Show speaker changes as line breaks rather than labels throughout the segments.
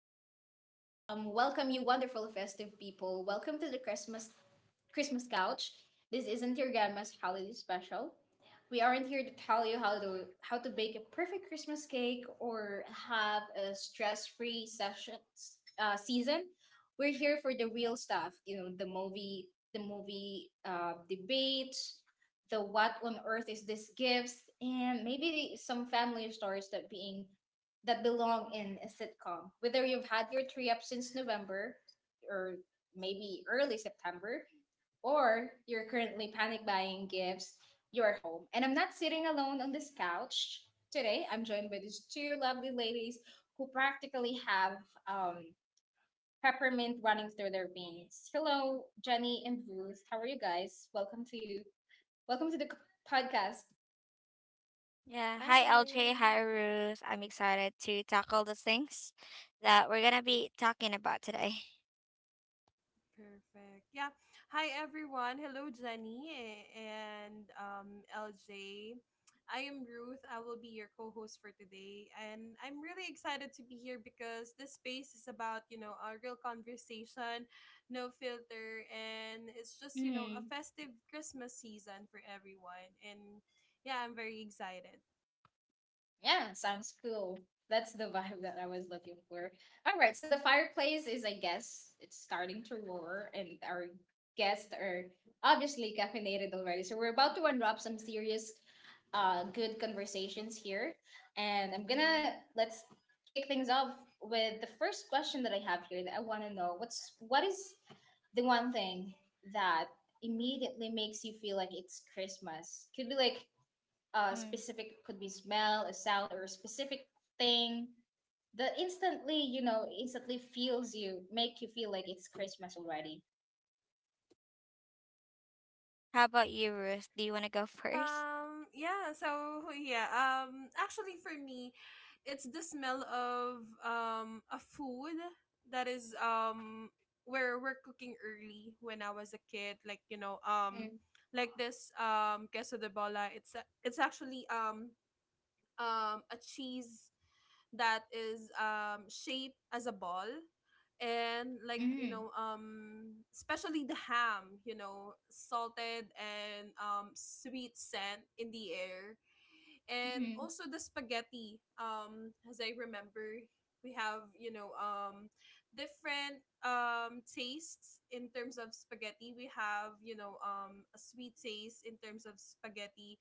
welcome, welcome, welcome, you wonderful festive people. Welcome to the Christmas couch. This isn't your grandma's holiday special. We aren't here to tell you how to bake a perfect Christmas cake or have a stress-free session season. We're here for the real stuff. You know, the movie debates, the what on earth is this gifts, and maybe some family stories that belong in a sitcom. Whether you've had your three up since November or maybe early September, or you're currently panic buying gifts, you're home. And I'm not sitting alone on this couch today. I'm joined by these two lovely ladies who practically have um, peppermint running through their veins. Hello, Jenny and Ruth. How are you guys? Welcome to the podcast.
Yeah. Hi, LJ.
Hi.
Hi, Ruth. I'm excited to tackle the things that we're going to be talking about today.
Perfect. Yeah. Hi, everyone. Hello, Jenny, and LJ. I am Ruth. I will be your co host for today. And I'm really excited to be here because this space is about a real conversation, no filter. And it's just a festive Christmas season for everyone. And yeah, I'm very excited.
Yeah, sounds cool. That's the vibe that I was looking for. All right, so the fireplace is, I guess, it's starting to roar, and our guests are obviously caffeinated already. So we're about to unwrap some serious, good conversations here, and I'm gonna
Mm-hmm.
let's kick things off with the first question that I have here that I want to know. What is the one thing that immediately makes you feel like it's Christmas? Could be like
Mm.
specific, could be smell, a sound, or a specific thing that instantly, you know, instantly feels you, make you feel like it's Christmas already.
How about you, Ruth? Do you want to go first?
Yeah, so yeah, actually for me, it's the smell of a food that is where we're cooking early when I was a kid, like you know, um
Mm-hmm.
like this queso de bola. It's actually a cheese that is shaped as a ball. And like,
Mm,
especially the ham, you know, salted, and sweet scent in the air. And
Mm-hmm.
also the spaghetti, as I remember, we have, different tastes in terms of spaghetti. We have, a sweet taste in terms of spaghetti.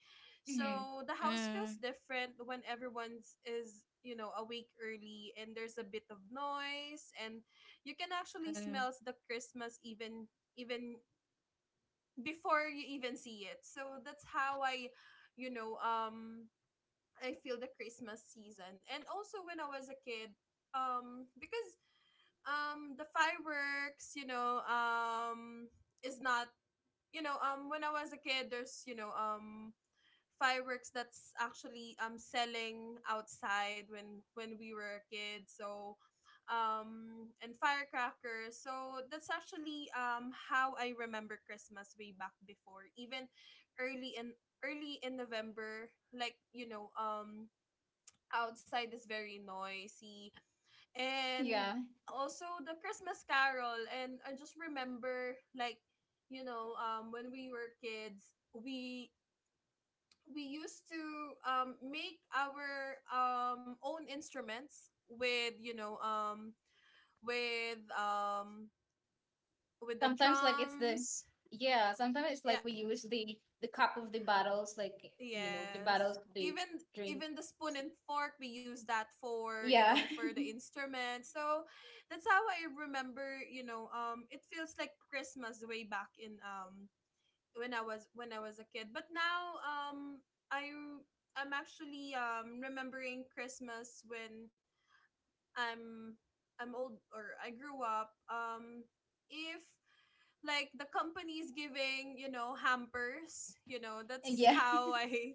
Mm-hmm.
So the house feels
mm,
different when everyone's is, you know, awake early, and there's a bit of noise, and you can actually
mm.
smell the Christmas even before you even see it. So that's how you know, um I feel the Christmas season. And also when I was a kid, because the fireworks, is not, when I was a kid, there's, fireworks that's actually selling outside when we were a kid. So, and firecrackers. So that's actually how I remember Christmas way back before, even early in early in November, like, outside is very noisy, and
Yeah.
also the Christmas Carol. And I just remember, like, when we were kids, we used to, make our, own instruments with, with um, with the
Sometimes like it's the
drums.
yeah, sometimes it's
Yeah.
like we use the cup of the bottles, like you know, the
Yes.
bottles to
Even
drink.
even the spoon and fork, we use that for, you
Yeah.
know, for the instrument. So that's how I remember, it feels like Christmas way back in, when I was a kid. But now, I I'm actually remembering Christmas when I'm I'm old, or I grew up. If, like, the companies giving, you know, hampers, you know, that's
yeah.
how I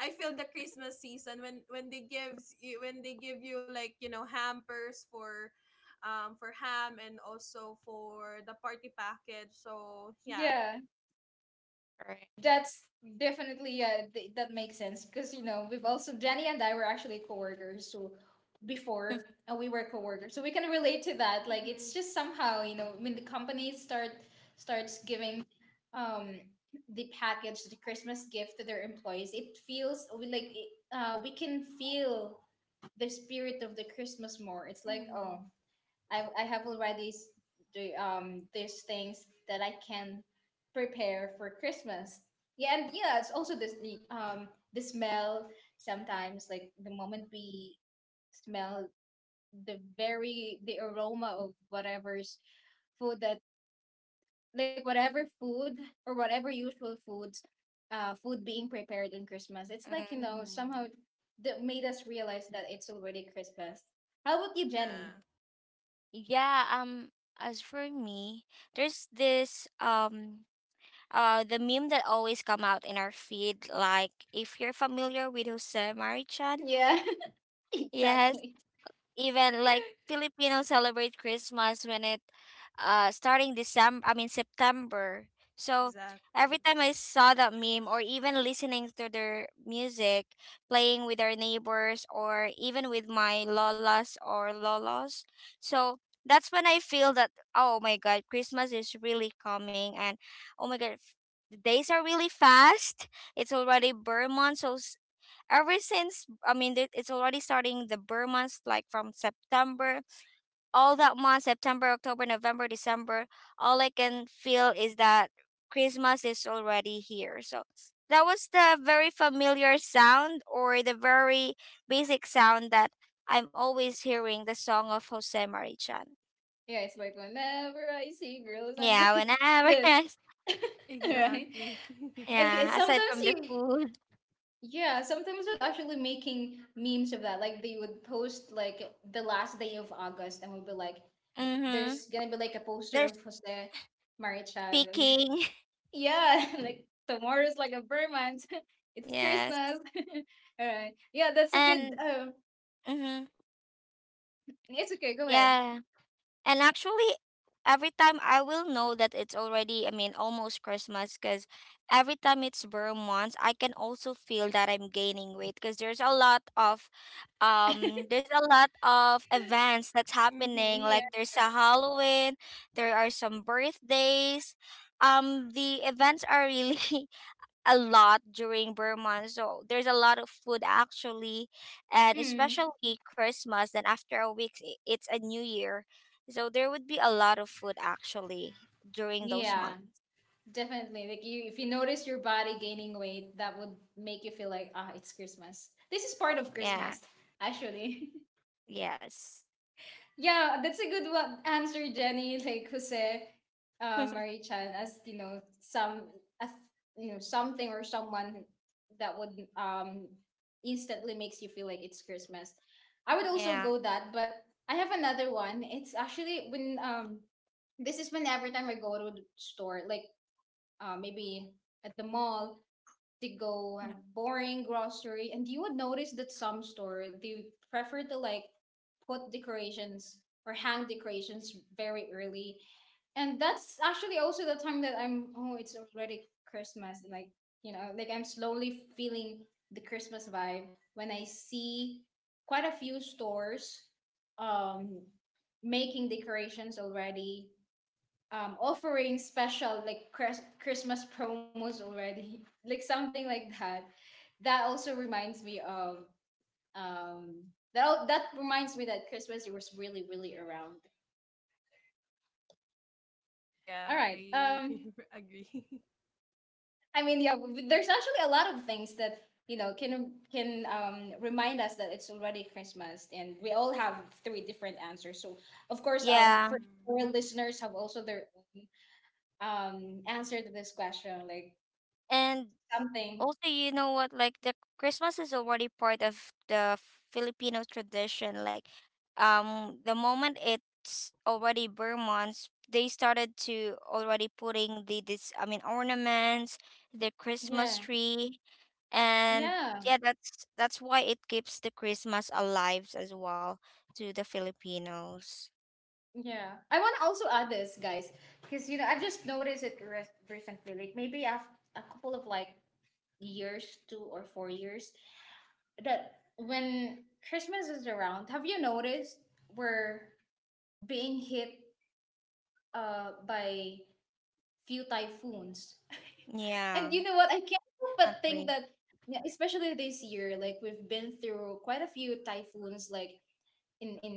I feel the Christmas season when they gives you, when they give you, like, you know, hampers for ham, and also for the party package. So yeah.
Yeah.
All right.
That's definitely that makes sense because you know we've also Jenny and I were actually coworkers so before we were coworkers so we can relate to that. Like
Mm-hmm.
it's just somehow you know when the company starts giving um the package, the Christmas gift to their employees, it feels we like it, we can feel the spirit of the Christmas more. It's like, oh,
Mm-hmm.
I have already do these things that I can prepare for Christmas. Yeah, and yeah, it's also this the smell sometimes, like the moment we smell the very the aroma of whatever's food that, like whatever food or whatever usual food being prepared in Christmas. It's like, you
Mm.
know, somehow
Hmm.
that made us realize that it's already Christmas. How about you,
Yeah.
Jenny?
Yeah, as for me, there's this the meme that always come out in our feed like if you're familiar with Jose Marichan.
Yeah,
Yes.
exactly.
Even like Filipinos celebrate Christmas when it starting December I mean September. So
Exactly.
every time I saw that meme or even listening to their music, playing with our neighbors or even with my lolas or lolos. So that's when I feel that oh my god, Christmas is really coming and oh my god the days are really fast. It's already Burr month, so ever since it's already starting the burr months like from September, all that month September, October, November, December, all I can feel is that Christmas is already here, so that was the very familiar sound or the very basic sound that I'm always hearing, the song of Jose Marichan.
Yeah, it's like whenever I see girls and
Yeah,
boys,
whenever
then right,
Exactly.
and it-
yeah, aside
sometimes
from the
you,
food.
yeah, sometimes was actually making memes of that. Like they would post like the last day of August, and would be like,
Mm-hmm.
"There's gonna be like a poster
They're
of Jose Marichan." And
speaking.
yeah, like tomorrow's like a Vermont. It's
Yes.
Christmas. All right. Yeah, that's a good.
And mm-hmm,
It's okay. Go ahead.
yeah. And actually, every time I will know that it's already, I mean, almost Christmas because every time it's bare months, I can also feel that I'm gaining weight because there's a lot of events that's happening
Yeah.
like
Mm-hmm.
there's a Halloween, there are some birthdays, the events are really a lot during Burma. So there's a lot of food actually, and
Mm,
especially Christmas. Then after a week, it's a new year. So there would be a lot of food actually during those
yeah.
months.
Definitely. Like you, if you notice your body gaining weight, that would make you feel like, ah, it's Christmas. This is part of
Yeah.
Christmas, actually.
Yes.
Yeah, that's a good one answer, Jenny. Like Jose Marie Chan, as you know, some a th- you know, something or someone that would instantly makes you feel like it's Christmas. I would also
Yeah.
go that, but I have another one. It's actually when this is when every time I go to the store, like maybe at the mall to go
Mm.
boring grocery, and you would notice that some store they prefer to like put decorations or hang decorations very early, and that's actually also the time that I'm, oh, it's already Christmas. Like you know, like I'm slowly feeling the Christmas vibe when I see quite a few stores um making decorations already, offering special like Christmas promos already, like something like that. That also reminds me of um, That reminds me that Christmas was really really around. All
Yeah,
right.
I agree.
I mean, yeah, there's actually a lot of things that you know can remind us that it's already Christmas, and we all have three different answers. So of course,
Yeah.
for
Mm-hmm.
our listeners have also their own answer to this question, like
And
something.
also, you know what? Like the Christmas is already part of the Filipino tradition. Like, the moment it's already Burmans, they started to already putting the this. I mean, ornaments, the Christmas
Yeah.
tree, and
Yeah,
yeah, that's why it keeps the Christmas alive as well to the Filipinos.
yeah. I want to also add this, guys, because you know I've just noticed it recently, like maybe after a couple of like years, 2 or 4 years, that when Christmas is around, have you noticed we're being hit by few typhoons?
Yeah,
And you know what? I can't help but think
agree.
that, yeah, especially this year, like we've been through quite a few typhoons. Like in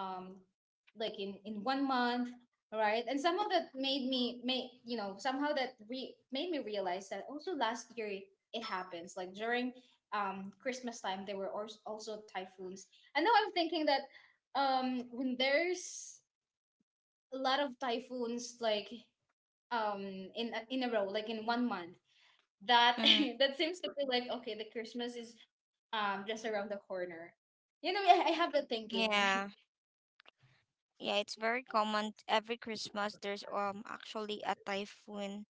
um like in 1 month, right, and some of that made me made you know somehow that made me realize that also last year it happens like during Christmas time there were also typhoons. And now I'm thinking that when there's a lot of typhoons, like um in a row, like in 1 month, that
Mm,
that seems to be like okay, the Christmas is just around the corner. You know, I have that thinking.
yeah.
Like
Yeah, it's very common. Every Christmas, there's actually a typhoon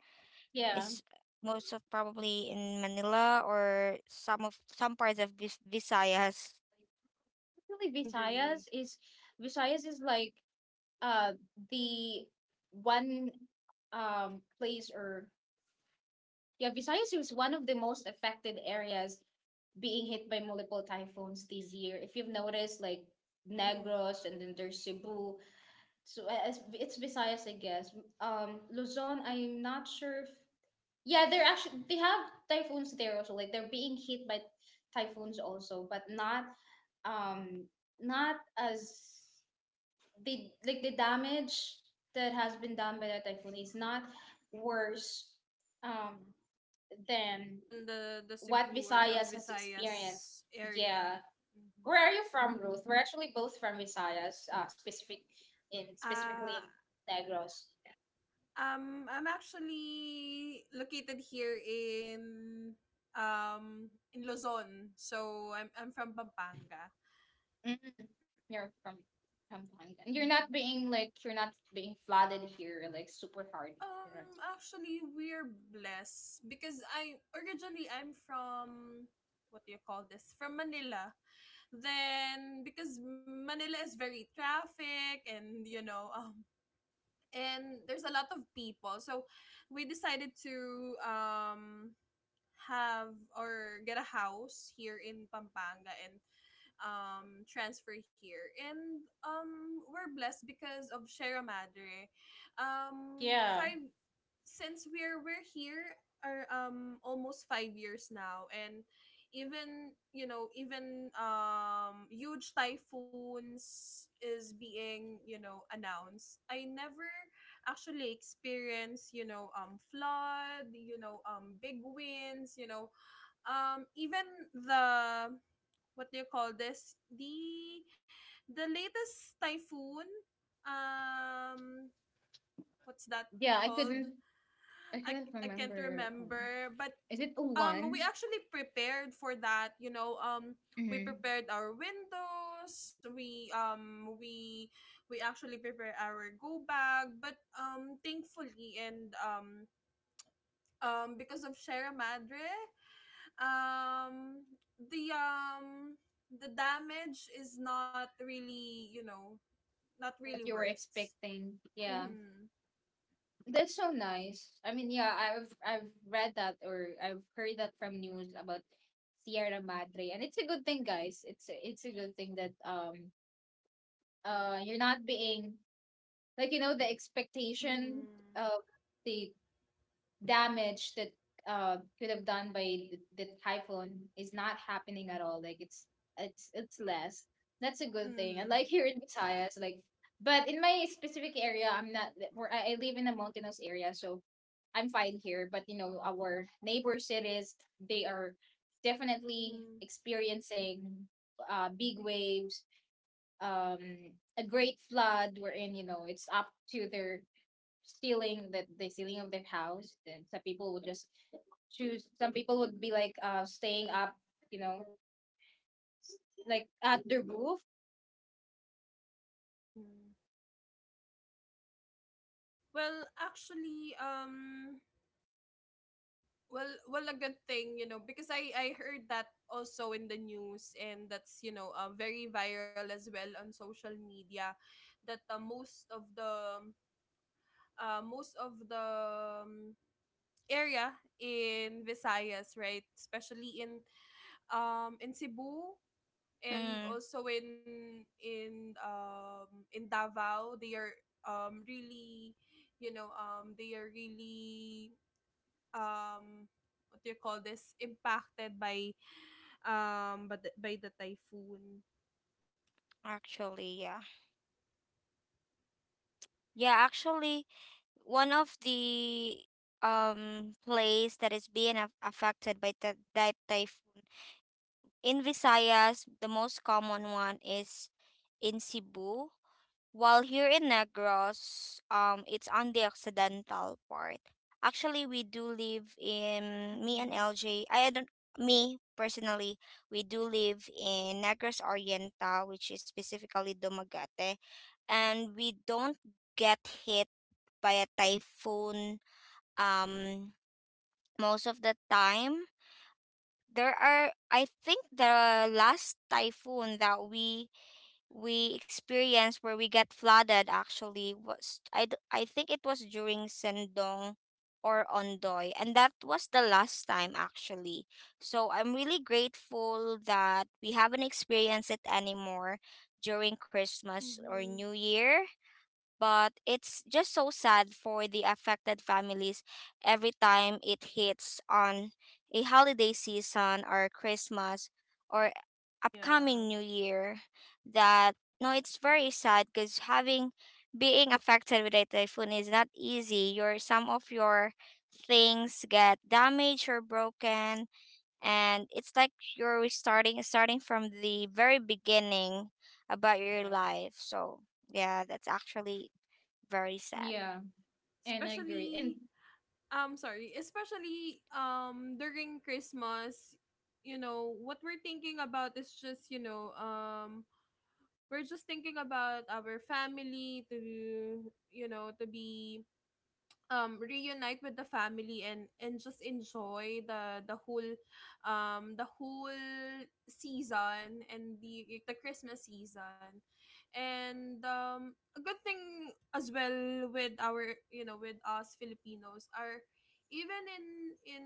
yeah,
is most of probably in Manila or some of some parts of Visayas.
actually
Agree.
Visayas is like uh the one place, or yeah, Visayas is one of the most affected areas being hit by multiple typhoons this year. If you've noticed, like
Mm-hmm.
Negros, and then there's Cebu. So it's Visayas, I guess. Luzon, I'm not sure if yeah they're actually they have typhoons there also. Like they're being hit by typhoons also, but um not as the like the damage that has been done by the typhoon is not worse um than
Than the
what
Cebu or on
Visayas has experienced.
Visayas area.
Yeah.
Mm-hmm.
Where are you from, Ruth? We're actually both from Visayas,
Uh,
specifically in Negros.
I'm actually located here in Luzon, so I'm from Pampanga.
Mm, you're from Pampanga. And you're
Mm-hmm.
not being like you're not being flooded here like super hard. Right.
Actually, we're blessed because I originally — I'm from — what do you call this? From Manila. Then, because Manila is very traffic, and, you know, and there's a lot of people. So we decided to have or get a house here in Pampanga, and transfer here. And we're blessed because of Shera Madre.
Yeah.
Five, since we're here — are almost 5 years now. And even, you know, even huge typhoons is being, you know, announced, I never actually experience, you know, flood, you know, big winds, you know, even the — what do you call this? The latest typhoon, um what's that
Yeah,
called?
I
i
couldn't
i can't
remember
remember. But
is it
we
one?
actually prepared for that, you know, we
Mm-hmm.
prepared our windows. We actually prepare our go bag. But thankfully, and because of Sierra Madre, um the damage is not really
What you were
worst.
expecting. Yeah.
Mhm.
That's so nice. I mean, yeah, I've read that or I've heard that from news about Sierra Madre. And it's a good thing, guys. It's a good thing that you're not being like you know the expectation
Mhm.
of the damage that could have done by the typhoon is not happening at all. Like it's less. That's a good thing. And
Mhm.
like here in Visayas, like but in my specific area, I'm not where I live in a mountainous area, so I'm fine here. But you know, our neighbor cities, they are definitely
Mhm.
experiencing big waves, um, a great flood wherein, you know, it's up to their ceiling, that the ceiling of their house, and some people would just choose some people would be like staying up you know like at the roof.
Mhm. Well, actually, well, a good thing, you know, because I heard that also in the news, and that's, you know, very viral as well on social media, that, most of the — uh, most of the um, area in Visayas, right? Especially in Cebu, and
Mm,
also in Davao, they are, really, they are really, um what do you call this, impacted by but the — by the typhoon.
actually, yeah. Yeah, actually, one of the place that is being affected by that typhoon in Visayas, the most common one is in Cebu. While here in Negros, it's on the occidental part. Actually, we do live in me and
Mhm.
LJ. I don't me personally. We do live in Negros Oriental, which is specifically Dumaguete, and we don't get hit by a typhoon. Um, most of the time, there are. I think the last typhoon that we experienced where we got flooded actually was I think it was during Sendong or Ondoy, and that was the last time actually. So I'm really grateful that we haven't experienced it anymore during Christmas or
Mhm.
New Year, but it's just so sad for the affected families every time it hits on a holiday season or Christmas or
Yeah,
upcoming new year, that no, it's very sad because having being affected with a typhoon is not easy. Your some of your things get damaged or broken, and it's like you're restarting starting from the very beginning about your
correct.
life. So yeah, that's actually very sad.
Yeah, and I agree. And
Especially, sorry, especially, during Christmas, you know what we're thinking about is just, you know, we're just thinking about our family, to, you know, to be, reunite with the family, and just enjoy the whole, the whole season, and the Christmas season. And a good thing as well with our, you know, with us Filipinos are, even in in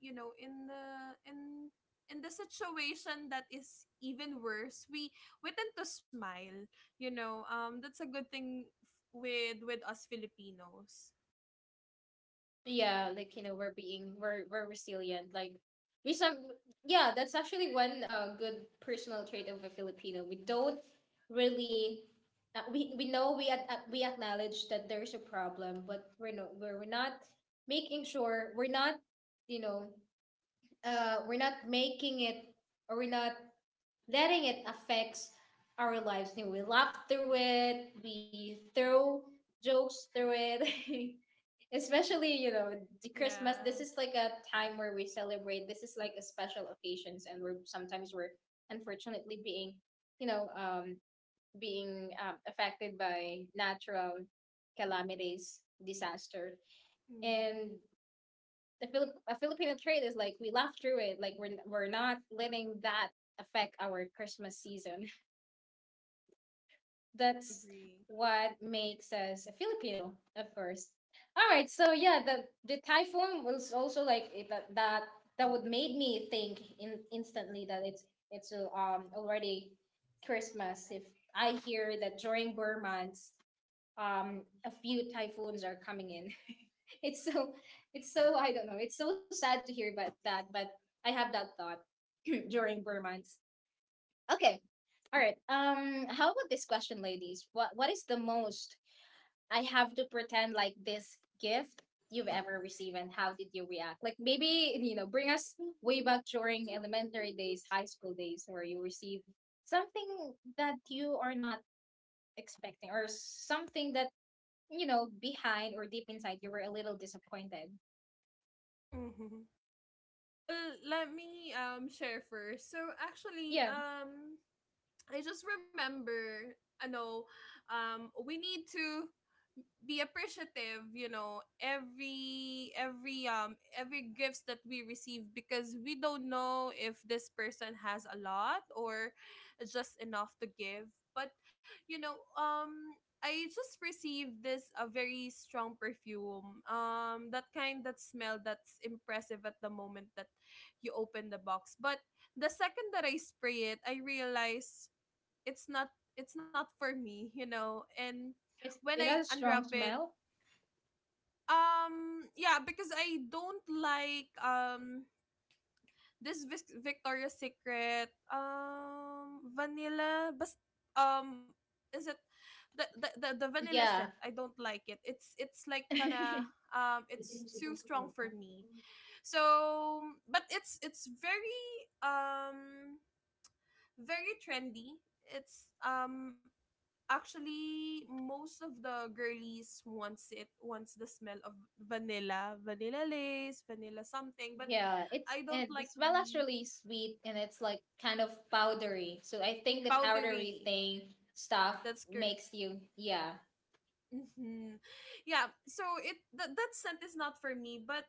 you know, in in the situation that is even worse, we tend to smile, you know, that's a good thing, with us Filipinos.
yeah, like you know we're being we're resilient. Like we some, yeah, that's actually one good personal trait of a Filipino. We don't really we know we we acknowledge that there's a problem, but we're not making sure we're not you know we're not making it, or we're not letting it affects our lives. You know, we laugh through it, we throw jokes through it. Especially, you know, the Christmas.
Yeah.
This is like a time where we celebrate. This is like a special occasions, and we're sometimes we're unfortunately being, you know, being affected by natural calamities, disaster,
Mm-hmm.
and the Filip- a Filipino trait is like we laugh through it. Like we're not letting that affect our Christmas season. That's
Agree.
what makes us a Filipino, of course. All right, so yeah, the typhoon was also like that would made me think in instantly that it's already Christmas if I hear that during Burr months a few typhoons are coming in. It's so, I don't know. It's so sad to hear about that, but I have that thought during burn months. Okay. All right. How about this question, ladies? What is the most I have to pretend like this gift you've ever received, and how did you react? Like maybe you know, bring us way back during elementary days, high school days, where you received something that you are not expecting, or something that you know, behind or deep inside, you were a little disappointed.
Mm-hmm. Well, let me share first. So actually,
Yeah,
I just remember, I know, we need to be appreciative, you know, every gifts that we receive, because we don't know if this person has a lot, or just enough to give. But, you know, I just received this, a very strong perfume. That kind, that smell that's impressive at the moment that you open the box. But the second that I spray it, I realize it's not it's not for me, you know. And
it's,
when
it
I
has a
unwrap
strong
it,
smell.
yeah, because I don't like this Victoria's Secret vanilla. But um is it the — the vanilla scent,
Yeah.
I don't like it. It's like kinda, it's too strong for me. So, but it's very, um very trendy. It's, actually, most of the girlies wants it, wants the smell of vanilla, vanilla lace, vanilla something, but
Yeah, it's,
I don't
and the
like
smell is
the
really sweet and it's like kind of powdery. So I think the
Mm.
powdery
powdery.
thing stuff
That's good.
makes you, yeah,
Hmm. Yeah, so, it that that scent is not for me. But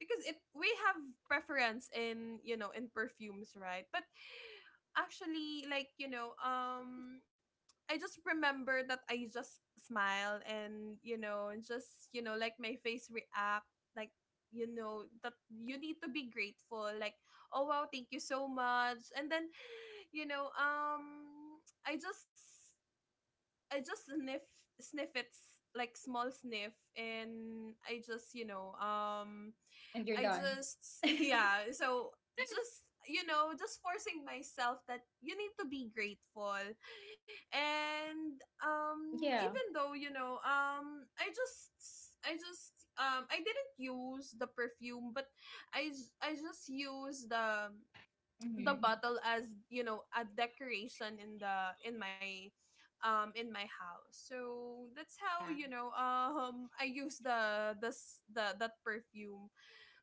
because it we have preference in, you know, in perfumes, right? But actually, like, I just remember that I just smile, and, you know, and just, you know, like, my face react like, you know, that you need to be grateful, like, oh wow, thank you so much. And then you know, I just sniff, it's like small sniff, and i just you know um
and you're
I
done.
just yeah. So, just, you know, just forcing myself that you need to be grateful. And even
Yeah.
though, you know, I didn't use the perfume, but I just use the
Mm-hmm.
bottle as, you know, a decoration in my house. So that's
Yeah.
how, you know, I use the this the that perfume.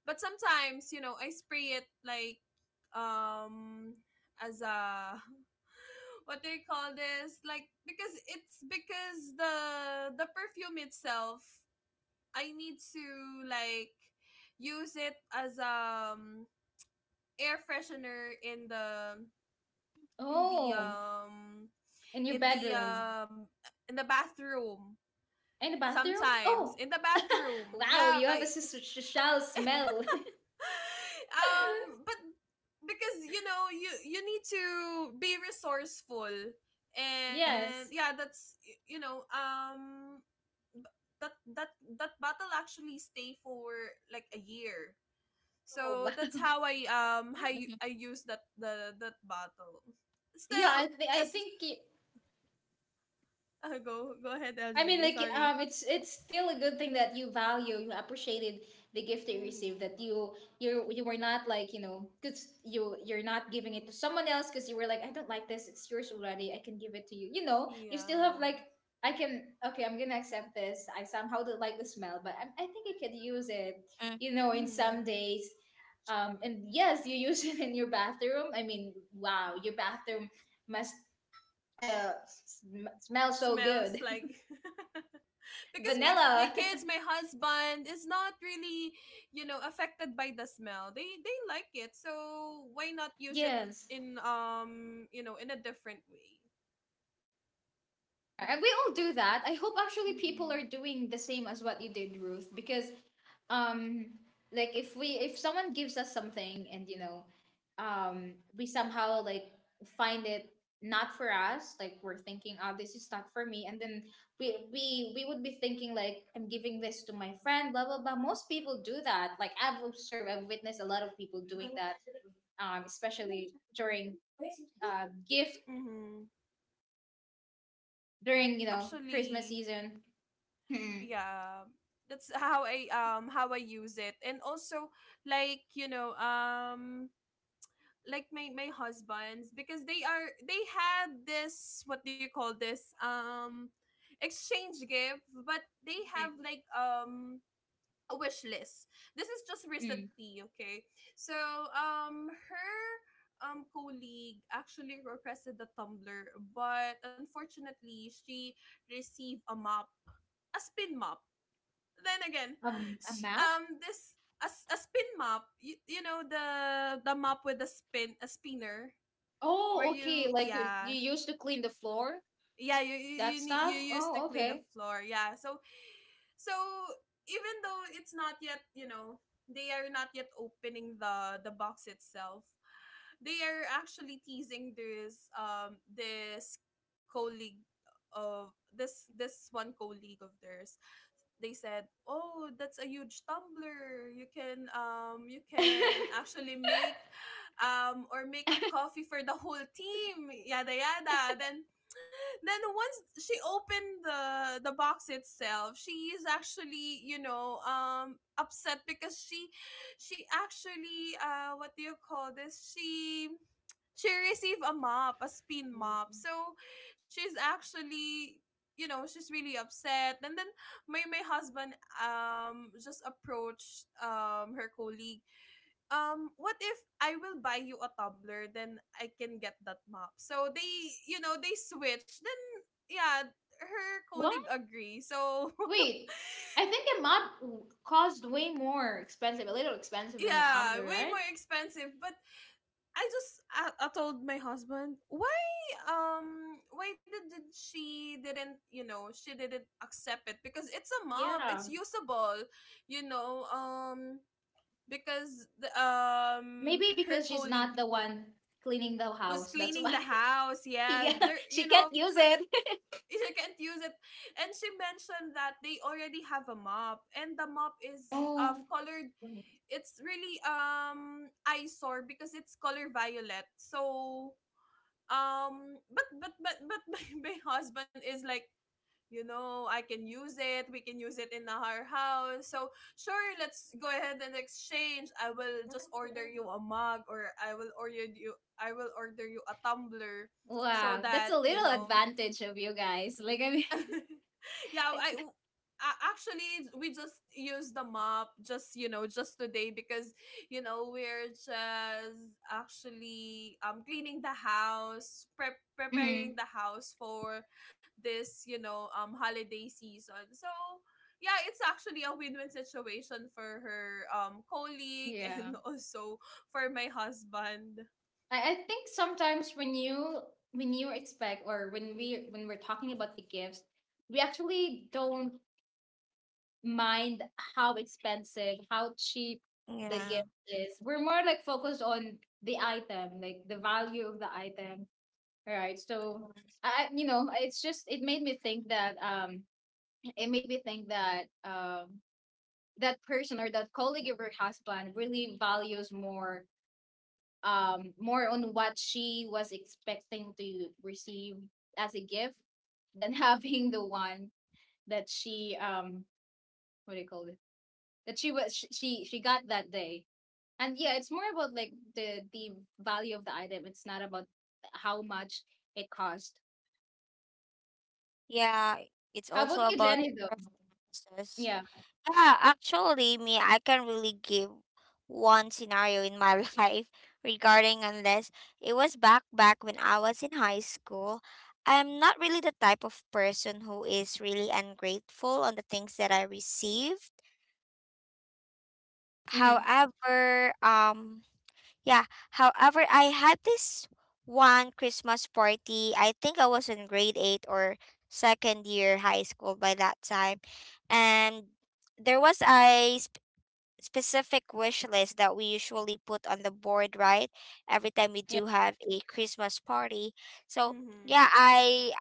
But sometimes, you know, I spray it like um as a what do you call this? Like, because it's — because the perfume itself, I need to, like, use it as, air freshener, in the in the
Oh, in your
in the
bedroom.
in the bathroom,
In the bathroom?
sometimes
Oh,
in the bathroom,
wow,
yeah.
you
But
have a shall smell.
but, because, you know, you need to be resourceful.
Mm,
And
Yes.
yeah, that's, you know, b- that that that battle actually stay for like a year.
Oh, wow.
So that's how I, how
mhm,
I use that battle
Yeah,
still
I think I
as
think y-
go ahead,
I
LJ,
mean, like
sorry.
it's still a good thing that you value, you appreciated the gift that you received that
Mm-hmm.
you were not like, cuz you're not giving it to someone else cuz you were like, I don't like this, it's yours already. I can give it to you. You still
Yeah.
have like, I can, okay, I'm going to accept this. I somehow don't like the smell, but I think I could use it,
mm.
in some
Mm-hmm.
days. And yes, you use it in your bathroom. I mean, wow, your bathroom must uh, smells so
Smells
good.
like, because my
Vanilla.
kids, my husband is not really, you know, affected by the smell. They like it, so why not use it
Yes.
in, you know, in a different way.
And we all do that. I hope actually people
Mm-hmm.
are doing the same as what you did, Ruth, because um like, if someone gives us something, and we somehow like find it not for us, like we're thinking, oh, this is not for me, and then we would be thinking like, I'm giving this to my friend, blah blah blah. Most people do that. Like, I've observed, I've witnessed a lot of people doing that, especially during gift
Mm-hmm.
during Christmas
Actually,
season. Mm,
yeah, that's how I, how I use it. And also, like, like my husbands, because they are — they had this — what do you call this? — exchange gift, but they
mm,
have like a wish list. This is just
mm.
recently, okay? So, her colleague actually requested the tumbler, but unfortunately, she received a mop, a spin mop. Then again,
A
s-
map?
this a, a spin mop. You know the mop with the spin, a spinner where
Oh, okay.
you —
Like, you
yeah,
used to clean the floor,
yeah, you,
that
need, you
stuff.
used to
Oh,
clean the
okay.
floor, yeah. So, so even though it's not yet, you know, they are not yet opening the box itself, they are actually teasing this, this colleague of — this one colleague of theirs. They said, oh, that's a huge tumbler, you can, you can actually make or make a coffee for the whole team, yada yada. Then, once she opened the box itself, she is actually, you know, upset, because she actually, uh, what do you call this? She received a mop, a spin mop. So she's actually, you know, she's really upset. And then my husband just approached her colleague. What if I will buy you a tumbler, then I can get that mop? So they, you know, they switch then. Yeah, her colleague
What?
agree, so
Wait, I think a mop cost way more expensive, a little expensive than a
yeah,
tumbler,
way
right?
more expensive, but I told my husband why, why did she didn't, you know, she didn't accept it, because it's a mop, it's
Yeah.
usable, you know. Because
Maybe
her
because she's
colleague
not the one cleaning the
who's
house. That's
cleaning
why.
the house. Yes,
Mhm.
Yeah,
they're you
she can't
know
use
perf-
it.
you can't use it. And she mentioned that they already have a mop, and the mop is colored. It's really eyesore because it's color violet. So but my husband is like, you know, I can use it. We can use it in our house. So sure, let's go ahead and exchange. I will just order you
Oh,
a mug, or I will order you a tumbler so
wow, that's a
that, you
little
know,
advantage of you guys. Like, I mean,
yeah, I, I actually, we just use the mop just, you know, just today because, you know, we're just actually cleaning the house,
hmm,
preparing the house for this, you know, holiday season. So yeah, it's actually a win-win situation for her colleague
yeah.
and also for my husband.
I think sometimes, when you expect, or when we're talking about the gifts, we actually don't mind how expensive, how cheap the
Yeah.
gift is. We're more like focused on the item, like the value of the item. Right. So it's just, it made me think that it made me think that um that person or that colleague of her husband really values more, more on what she was expecting to receive as a gift, than having the one that she what do you call it, that she was she got that day. And yeah, it's more about like, the value of the item. It's not about how much it cost.
Yeah. It's
How
also
about you,
about
Jenny, though?
preferences.
Yeah.
Yeah, actually, me, I can really give one scenario in my life regarding unless it was back when I was in high school. I'm not really the type of person who is really ungrateful on the things that I received.
Mm-hmm.
However, yeah, however, I had this one Christmas party. I think I was in grade eight or second year high school by that time, and there was a specific wish list that we usually put on the board, right? Every time we
Yeah.
do have a Christmas party. So yeah,
Mhm.
I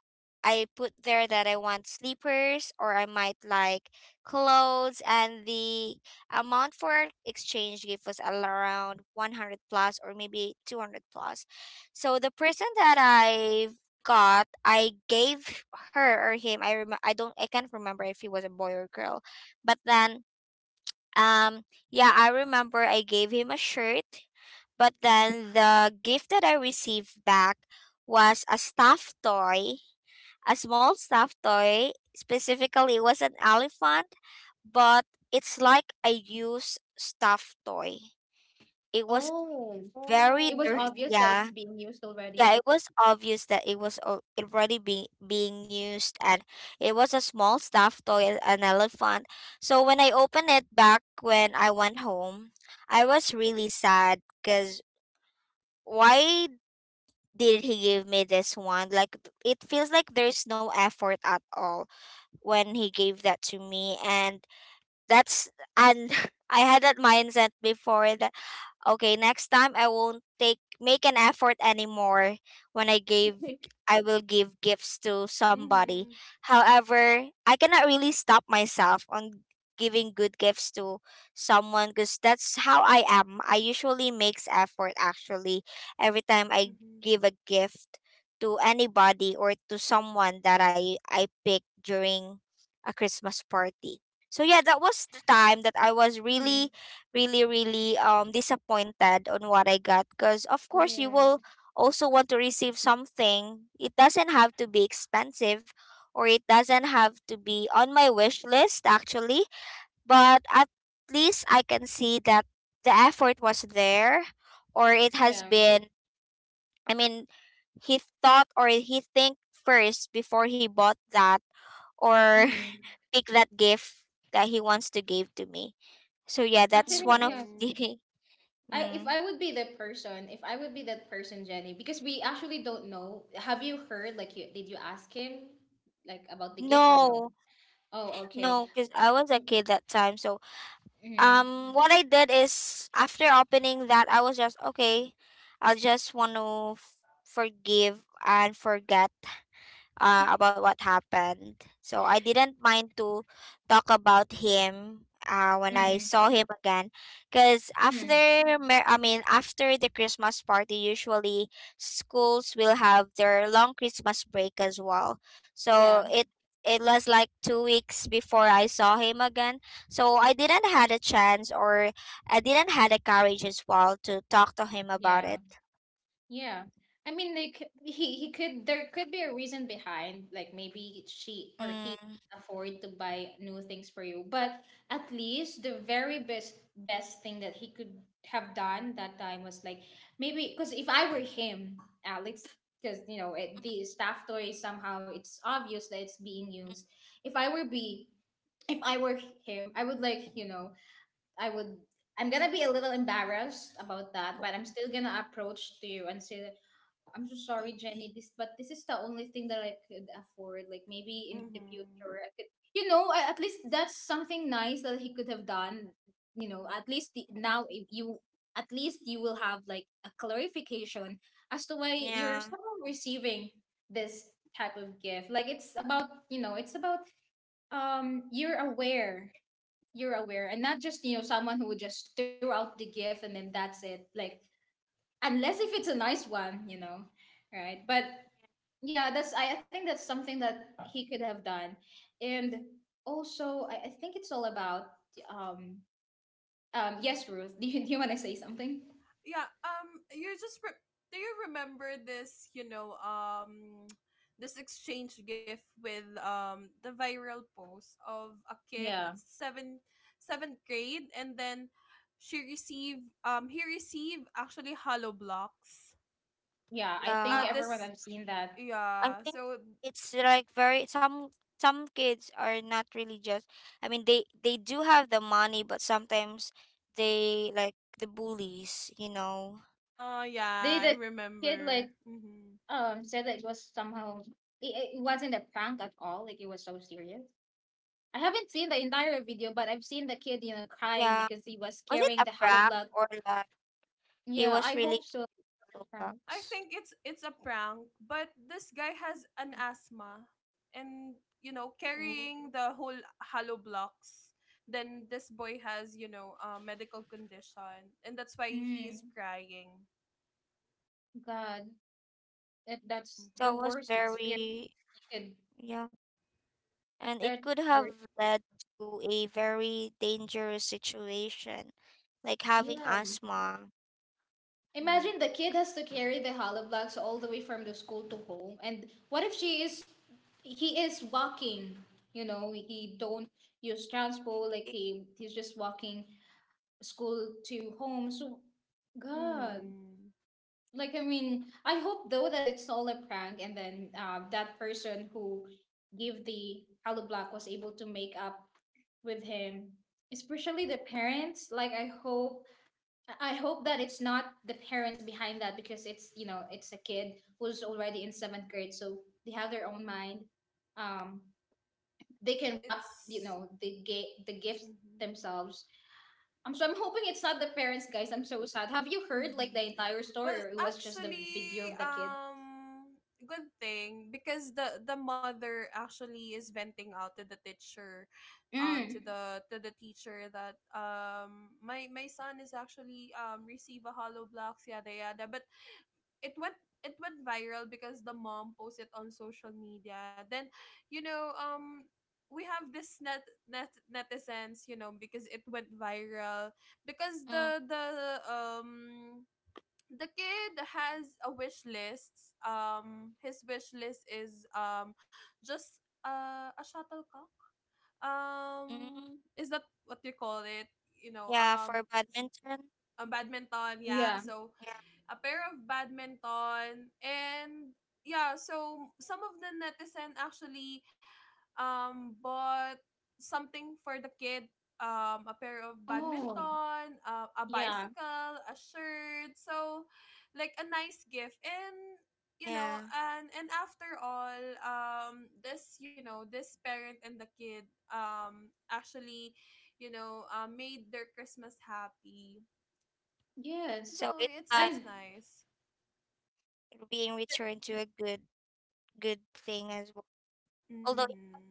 I put there that I want sleepers or I might like clothes, and the amount for exchange gift was around 100 plus or maybe 200 plus. So the person that I got, I gave her or him, I can't remember if he was a boy or girl. But then um, yeah, I remember I gave him a shirt, but then the gift that I received back was a stuffed toy, a small stuffed toy. Specifically, it was an elephant, but it's like a used stuffed toy. It was
Oh,
very
it was
dirty.
Oh.
obvious that it's
Yeah,
being used
yeah,
already.
it was obvious that it was already being used, and it was a small stuffed toy, an elephant. So when I opened it back when I went home, I was really sad because why did he give me this one? Like it feels like there's no effort at all when he gave that to me, and that's, and I had that mindset before, okay, next time I won't take make an effort anymore when I will give gifts to somebody.
Mhm.
However, I cannot really stop myself on giving good gifts to someone because that's how I am. I usually makes effort actually every time I
Mhm.
give a gift to anybody or to someone that I pick during a Christmas party. So yeah, that was the time that I was really really really disappointed on what I got because of course you
Yeah,
will also want to receive something. It doesn't have to be expensive or it doesn't have to be on my wish list actually, but at least I can see that the effort was there or it has
yeah.
been, I mean, he thought or he think first before he bought that or
Mhm.
pick that gift that he wants to give to me. So yeah, that's
Actually,
one of
yeah.
Mhm.
the
I If
Mm.
I would be that person, if I would be that person, Jenny, because we actually don't know. Have you heard? Like, you did you ask him like about the gift or no?
No,
Oh, okay.
no, because I was a
Mm,
kid that time. So,
hmm.
what I did is after opening that, I was just okay. I just want to forgive and forget about what happened. So I didn't mind to talk about him when I
Mm,
saw him again, because after
mm.
after the Christmas party, usually schools will have their long Christmas break as well.
Yeah,
So it was like 2 weeks before I saw him again. So I didn't had a chance, or I didn't had the courage as well to talk to him about
yeah.
it.
Yeah. I mean, like, he could there could be a reason behind, like maybe she or he
Mm,
can't afford to buy new things for you, but at least the very best thing that he could have done that time was like, maybe, because if I were him, Alex, because you know it, the staff toy somehow, it's obvious that it's being used. If I were be if I were him, I would like, I would I'm gonna be a little embarrassed about that, but I'm still gonna approach to you and say, I'm so sorry, Jenny. But this is the only thing that I could afford. Like maybe in the
Mm-hmm.
future, I could, at least that's something nice that he could have done. You know, at least the, now if you, at least you will have like a clarification as to why you're
yeah.
somehow receiving this type of gift. Like, it's about, you know, it's about, um, you're aware, you're aware, and not just, you know, someone who just threw out the gift and then that's it. Like, unless if it's a nice one, you know, right, but yeah, that's, I think that's something that he could have done. And also, I think it's all about um yes, Ruth, do you wanna say something?
Yeah. You just do you remember this? You know. This exchange gift with the viral post of a kid
Yeah.
that's seventh grade, and then she received he received actually hollow blocks.
Yeah. I think
Yeah,
everyone
This
I've seen that.
I
Yeah.
think
So.
it's like very some kids are not really just, I mean they do have the money, but sometimes they like the bullies, you know.
Yeah. I
The kid,
remember.
like,
Mm-hmm.
said that it was somehow, it wasn't a prank at all, like, it was so serious. I haven't seen the entire video, but I've seen the kid, crying
Yeah.
because he was
Was it
carrying
a
the hollow
prank,
blood.
or like he
Yeah,
was
I
really
hope so.
giving
Prank.
I
bucks?
think it's a prank, but this guy has an asthma and, you know,
Ooh,
carrying the whole hollow blocks. Then this boy has, you know, a medical condition, and that's why he
Mm,
is crying.
God, that's the
that was
Mm-hmm.
worst experience.
very
Kid.
yeah. And it
That's
could
the
have
worst gift.
led to a very dangerous situation, like having
Yeah.
asthma. Oh my.
Imagine the kid has to carry the hollow blocks all the way from the school to home. And what if she is he is walking, he don't use transport, like he's just walking school to home. So God.
Mm-hmm.
Like, I mean, I hope though that it's all a prank, and then that person who gave the hollow block was able to make up with him. Especially the parents. Like, I hope that it's not the parents behind that, because it's, you know, it's a kid who's already in seventh grade, so they have their own mind. Um, they can wrap,
It's
the the gift
mm-hmm.
themselves. So I'm hoping it's not the parents, guys. I'm so sad. Have you heard like
Mm-hmm.
the entire story,
Well,
or it was just the
actually,
video of the kid?
um, good thing because the mother actually is venting out to the teacher,
Mm,
to the teacher that my son is actually receive a hollow blocks yada yada, but it went, it went viral because the mom posted on social media. Then, you know, we have this netizens, you know, because it went viral. Because the kid has a wish list. His wish list is just a shuttlecock.
Mm-hmm.
Is that what you call it? You know,
Yeah, for badminton.
a badminton, yeah.
yeah.
So
Yeah,
a pair of badminton. And yeah, so some of the netizen actually bought something for the kid, a pair of
Oh,
badminton, a
yeah.
bicycle, a shirt. So like a nice gift. And, you know,
yeah.
and after all, this, you know, this parent and the kid, um actually, you know, made their Christmas happy.
Yes.
So
So it's
it's,
like
that's
And
nice.
being returned to a good good thing as well. Although it's
Mhm.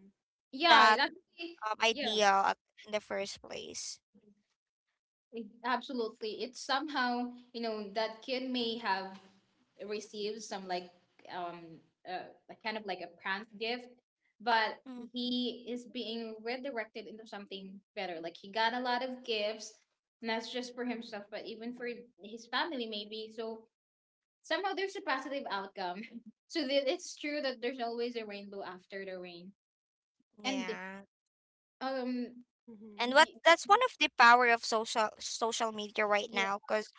yeah,
that
it actually, yeah.
ideal in the first place.
Absolutely. It's somehow, that kid may have received some, um like kind of like a prank gift, but
Mm.
he is being redirected into something better. Like, he got a lot of gifts, and that's just for himself, but even for his family, maybe. So somehow there's a positive outcome. So that, it's true that there's always a rainbow after the rain. And
Yeah.
um
And
Mhm.
what
y-
that's one of the power of social social media right
yeah,
now, cause.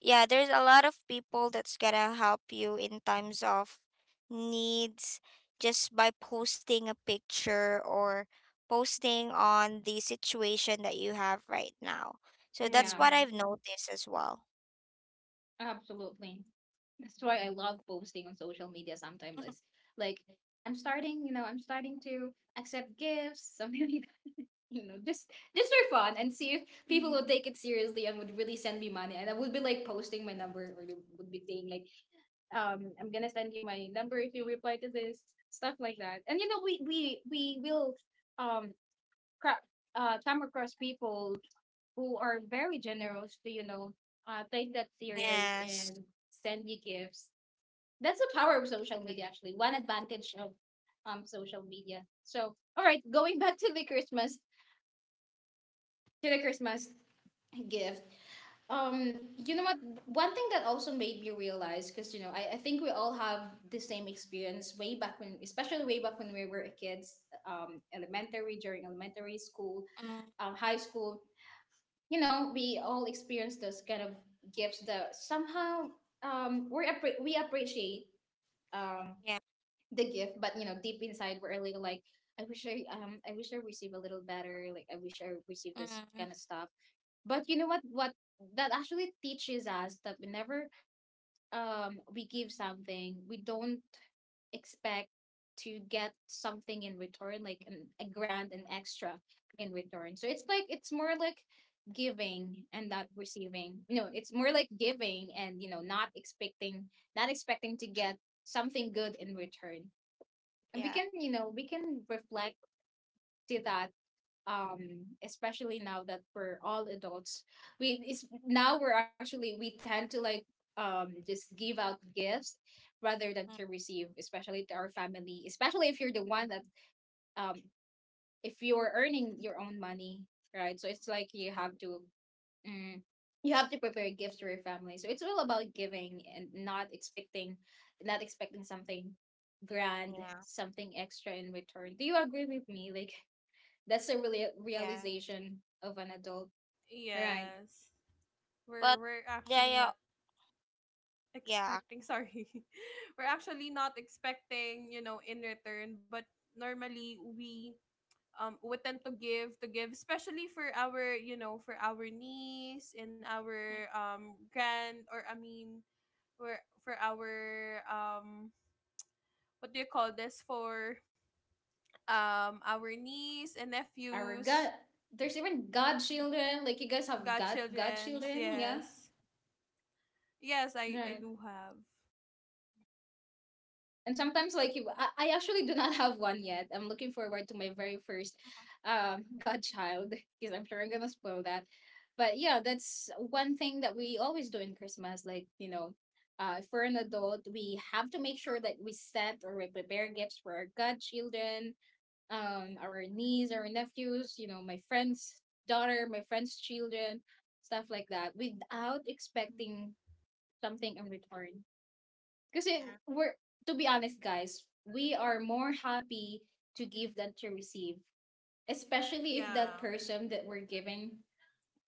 Yeah, there's a lot of people that's gonna help you in times of needs, just by posting a picture or posting on the situation that you have right now. So that's
yeah,
what
Mhm.
I've noticed as well.
absolutely. That's why I love posting on social media sometimes. It's like, I'm starting to accept gifts, something like that. You know, just for fun, and see if people would
Mhm.
take it seriously and would really send me money. And I would be like posting my number, or you would be saying like, I'm gonna send you my number if you reply to this, stuff like that. And you know, we will um cra- come across people who are very generous to, take that serious
Yes.
and send you gifts. That's the power of social media,
True.
actually, one advantage of social media. So, all right, going back to the christmas gift, you know what, one thing that also made me realize, because I think we all have the same experience way back when, especially way back when we were kids, elementary during elementary school,
Mm,
high school, you know, we all experienced those kind of gifts that somehow, we appreciate um
yeah.
the gift, but deep inside we're a little like, I wish I received a little better, like, I wish I received this
Mm,
kind of stuff. But you know what that actually teaches us, that whenever we give something, we don't expect to get something in return, like a grand and extra in return. So, it's like, it's more like giving and not receiving. You know, it's more like giving, and not expecting to get something good in return, and we
yeah.
can, reflect to that, especially now that we're all adults. We it's now We tend to, like, just give out gifts, rather than to
Mm,
receive, especially to our family, especially if you're the one that, um if you're earning your own money, right? So it's like, you have to Mm. You have to prepare gifts for your family. So it's all about giving, and not expecting, something grand,
yeah.
something extra in return. Do you agree with me? Like, that's a really
Yeah,
realization of an adult. Right.
Yes,
but
we're
yeah,
actually
yeah,
not
yeah.
expecting, sorry. We're actually not expecting, you know, in return, but normally we, we tend to give, especially for our, you know, for our niece and our
Mm,
grand or I mean for our what do you call this for our niece and
Our
nephews.
God, there's even godchildren. Like, you guys have god
Godchildrens,
godchildren, yeah?
yes. Yes, I
Right.
do have.
And sometimes like, I actually do not have one yet. I'm looking forward to my very first godchild. Because I'm sure I'm gonna spoil that. But yeah, that's one thing that we always do in Christmas. Like, if we're an adult, we have to make sure that we set, or we prepare gifts for our godchildren, our niece, our nephews, my friend's daughter, my friend's children, stuff like that, without
Hmm.
expecting something in return. Kasi
yeah,
we're to be honest, guys, we are more happy to give than to receive. Especially if that
Yeah.
person that we're giving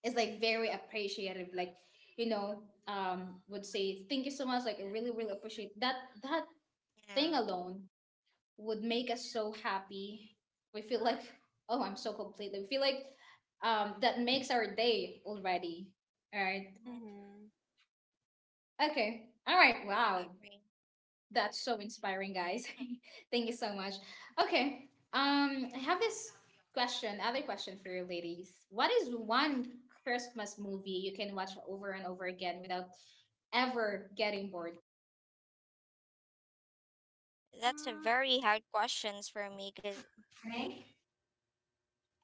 is like very appreciative. Like, you know, would say, thank you so much, like I really, really appreciate that thing
yeah,
alone would make us so happy. We feel like, oh, I'm so complete. We feel like that makes our day already. All right.
mhm,
Mm-hmm.
Okay. All right. Wow.
agree.
That's so inspiring, guys. Thank you so much. Okay. I have other question for you ladies. What is one Christmas movie you can watch over and over again without ever getting bored?
Mm. That's a
Mm.
very hard questions for me because
Me?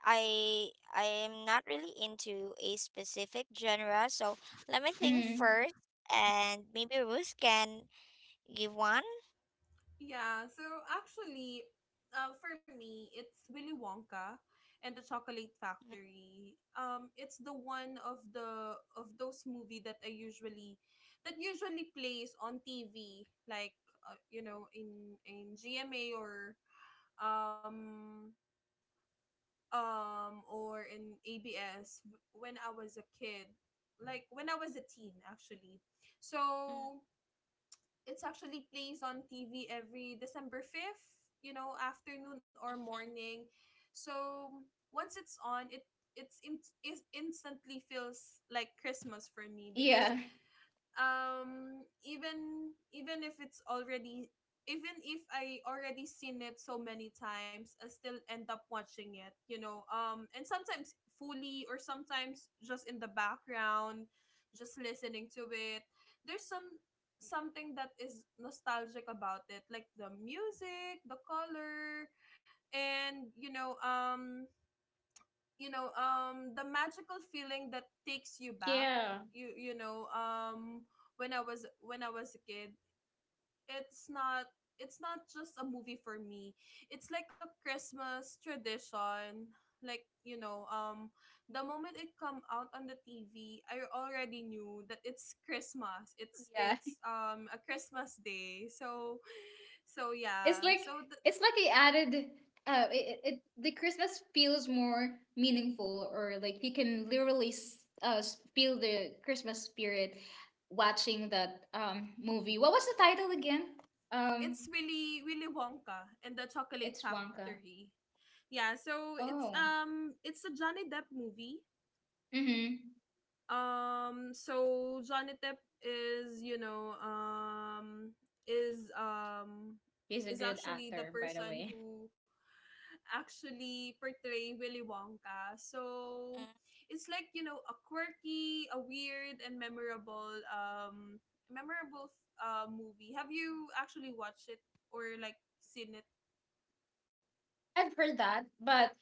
I I am not really into a specific genre, so let me think
Mm.
first, and maybe Ruth can give one.
Yeah, so actually, for me, it's Willy Wonka and the Chocolate Factory. It's the one of the of those movie that I usually, that usually plays on TV, like you know, in GMA or um um or in ABS when I was a kid, like when I was a teen, actually.
Mm,
So it's actually plays on TV every December 5th, you know, afternoon or
mhm,
morning. So once it's on, it's in, it instantly feels like Christmas for me because
Yeah.
even if it's already, even if I already seen it so many times, I still end up watching it, you know. And sometimes fully, or sometimes just in the background, just listening to it. There's some, something that is nostalgic about it, like the music, the color, and, you know, the magical feeling that takes you back,
Yeah.
you know, when I was a kid. It's not, it's not just a movie for me. It's like a Christmas tradition, like, you know. The moment it come out on the TV, I already knew that it's Christmas, it's
Yeah.
it's a Christmas day. So, so
It's
yeah,
like
so
it's like he added it, the Christmas feels more meaningful, or like you can literally feel the Christmas spirit watching that movie. What was the title again? Um
it's Willy Wonka and the Chocolate
it's Wonka.
Factory. Yeah, so
Oh.
it's a Johnny Depp movie.
Mhm.
Um, so Johnny Depp is, you know, is um
He's a
is
good
actually the
actor, by the
person
way.
who actually portray Willy Wonka. So
mm.
it's like, you know, a quirky, a weird and memorable movie. Have you actually watched it or like seen it?
I've heard that, but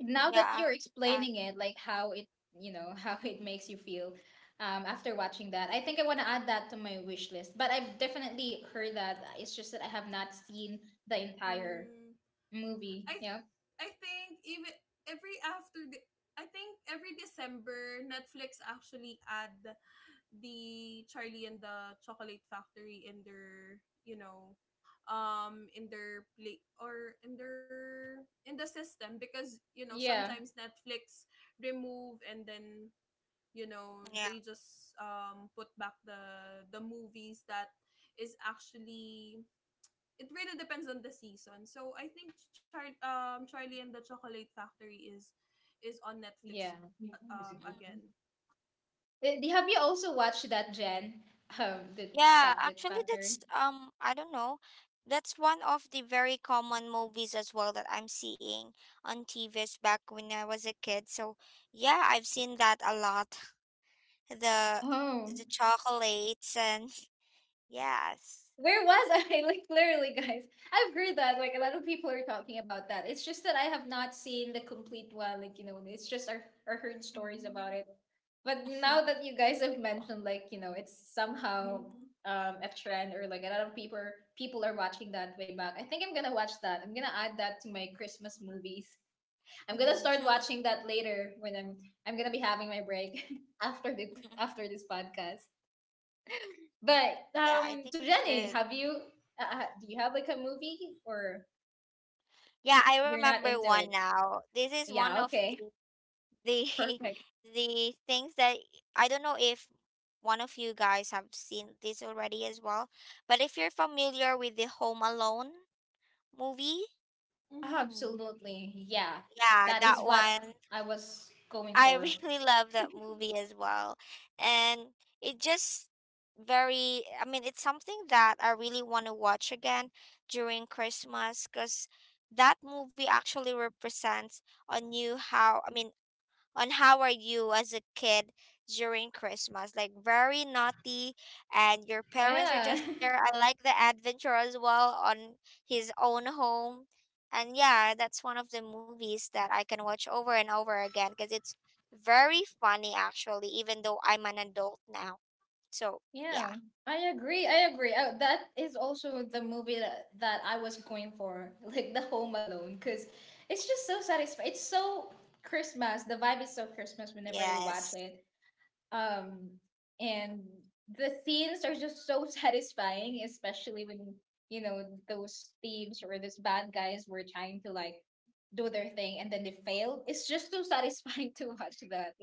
now that
Mm-hmm.
Yeah,
you're
uh,
explaining it, like how it, you know, how it makes you feel after watching that, I think I want to add that to my wish list. But I've definitely heard that. It's just that I have not seen the entire
Mm, I
movie. Yeah.
I think even every after the I think every December Netflix actually add the Charlie and the Chocolate Factory in their, you know, in their play or in their, in the system, because, you know,
Yeah.
sometimes Netflix remove and then, you know,
yeah,
they just put back the movies that is actually, it really depends on the season. So I think Charlie and the Chocolate Factory is on
Yeah.
Netflix, again.
Eh, have you also watched that, Jen? The
yeah.
Chocolate
Actually,
Factory?
that's I don't know. That's one of the very common movies as well that I'm seeing on TVs back when I was a kid. So yeah, I've seen that a lot. The
Oh.
the chocolates and yes.
Where was I? Like, literally, guys. I've heard that. Like, a lot of people are talking about that. It's just that I have not seen the complete one. Like, you know, it's just I heard stories about
Mhm.
it. But now that you guys have mentioned, like, you know, it's somehow a trend, or like a lot of people are watching that way back. I think I'm gonna watch that. I'm gonna add that to my Christmas movies. I'm gonna start
Mhm.
watching that later when I'm gonna be having my break after the after this podcast. But
Yeah, I think
so
you
Jenny,
should.
have you do you have like a movie, or
Yeah, I
you're not
remember
into
one
it?
now. This is one
Yeah,
of
okay,
the
perfect.
the things that I don't know if one of you guys have seen this already as well. But if you're familiar with the Home Alone movie,
Mhm.
Absolutely, yeah.
yeah,
That
that
is what
one.
I was going
I
for.
really love that movie as well. And it just very I mean it's something that I really want to watch again during Christmas cuz that movie actually represents on you how, I mean, on how are you as a kid during Christmas? Like very naughty, and your parents are
Yeah,
just there. I like the adventure as well on his own home. And yeah, that's one of the movies that I can watch over and over again because it's very funny actually, even though I'm an adult now. So yeah.
yeah. I agree. I agree. That is also the movie that I was going for, like the Home Alone, because it's just so satisfying. It's so Christmas. The vibe is so Christmas whenever you watch
Yes.
it. Um, and the themes are just so satisfying, especially when you know those thieves or those bad guys were trying to like do their thing, and then they failed. It's just so satisfying to watch that.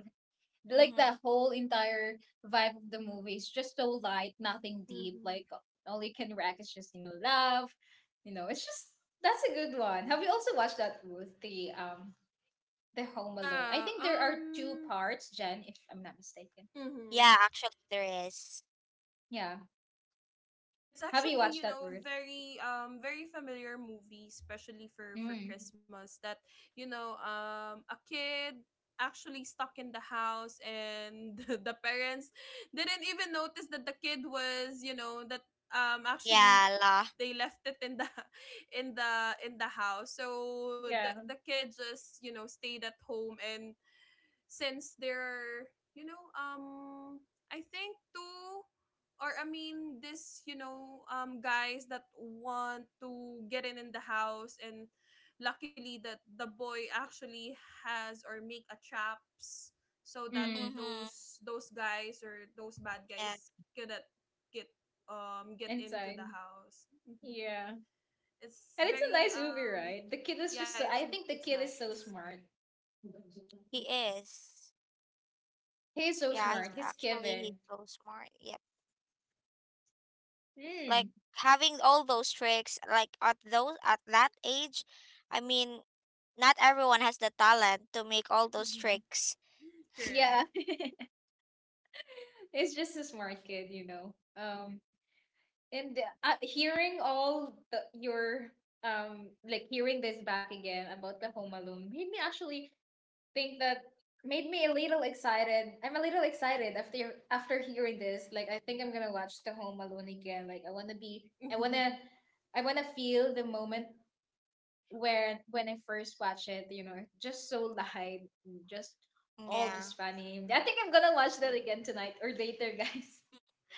Like,
Mm-hmm.
that whole entire vibe of the movie is just so light, nothing deep.
Mhm.
Like, all you can rack is just love. It's just that's a good one. Have you also watched that, Ruth? The Home Alone. I
Yeah,
think there are two
um
parts, Jen, if I'm not mistaken.
mhm.
Yeah, actually there is.
Yeah.
It's
Have you
actually,
watched
you
that,
know,
Ruth?
very very familiar movie, especially for
Mm.
Christmas. That, you know, a kid actually stuck in the house, and the parents didn't even notice that the kid was, you know, that actually
Yeah, la.
they left it in the in the, in the house. So the kid just, you know, stayed at home. And since they're, you know, I think two, or I mean this, you know, guys that want to get in the house. And luckily that the boy actually has or make a traps, so that
Mm.
Mm-hmm.
those guys or those bad
Yeah,
guys cannot get get into the
Inside.
house. Mhm.
Yeah.
It's
And it's a
very
nice movie, right? The kid is
yeah,
just so, I think the
it's
kid is so
nice.
smart.
he is.
He's so smart.
Yeah.
Yeah, he's
He's
actually
Kevin.
he's so smart. Yeah.
Mm.
Like having all those tricks like at those at that age, I mean, not everyone has the talent to make all those tricks.
Yeah.
Correct.
He's just a smart kid. And hearing your like hearing this back again about the Home Alone made me actually think that made me a little excited. I'm a little excited after hearing this. Like, I think I'm gonna watch The Home Alone again. Like, I wanna be I wanna feel the moment where when I first watch it, just so light, just all
Yeah,
just funny. I think I'm gonna watch that again tonight or later, guys.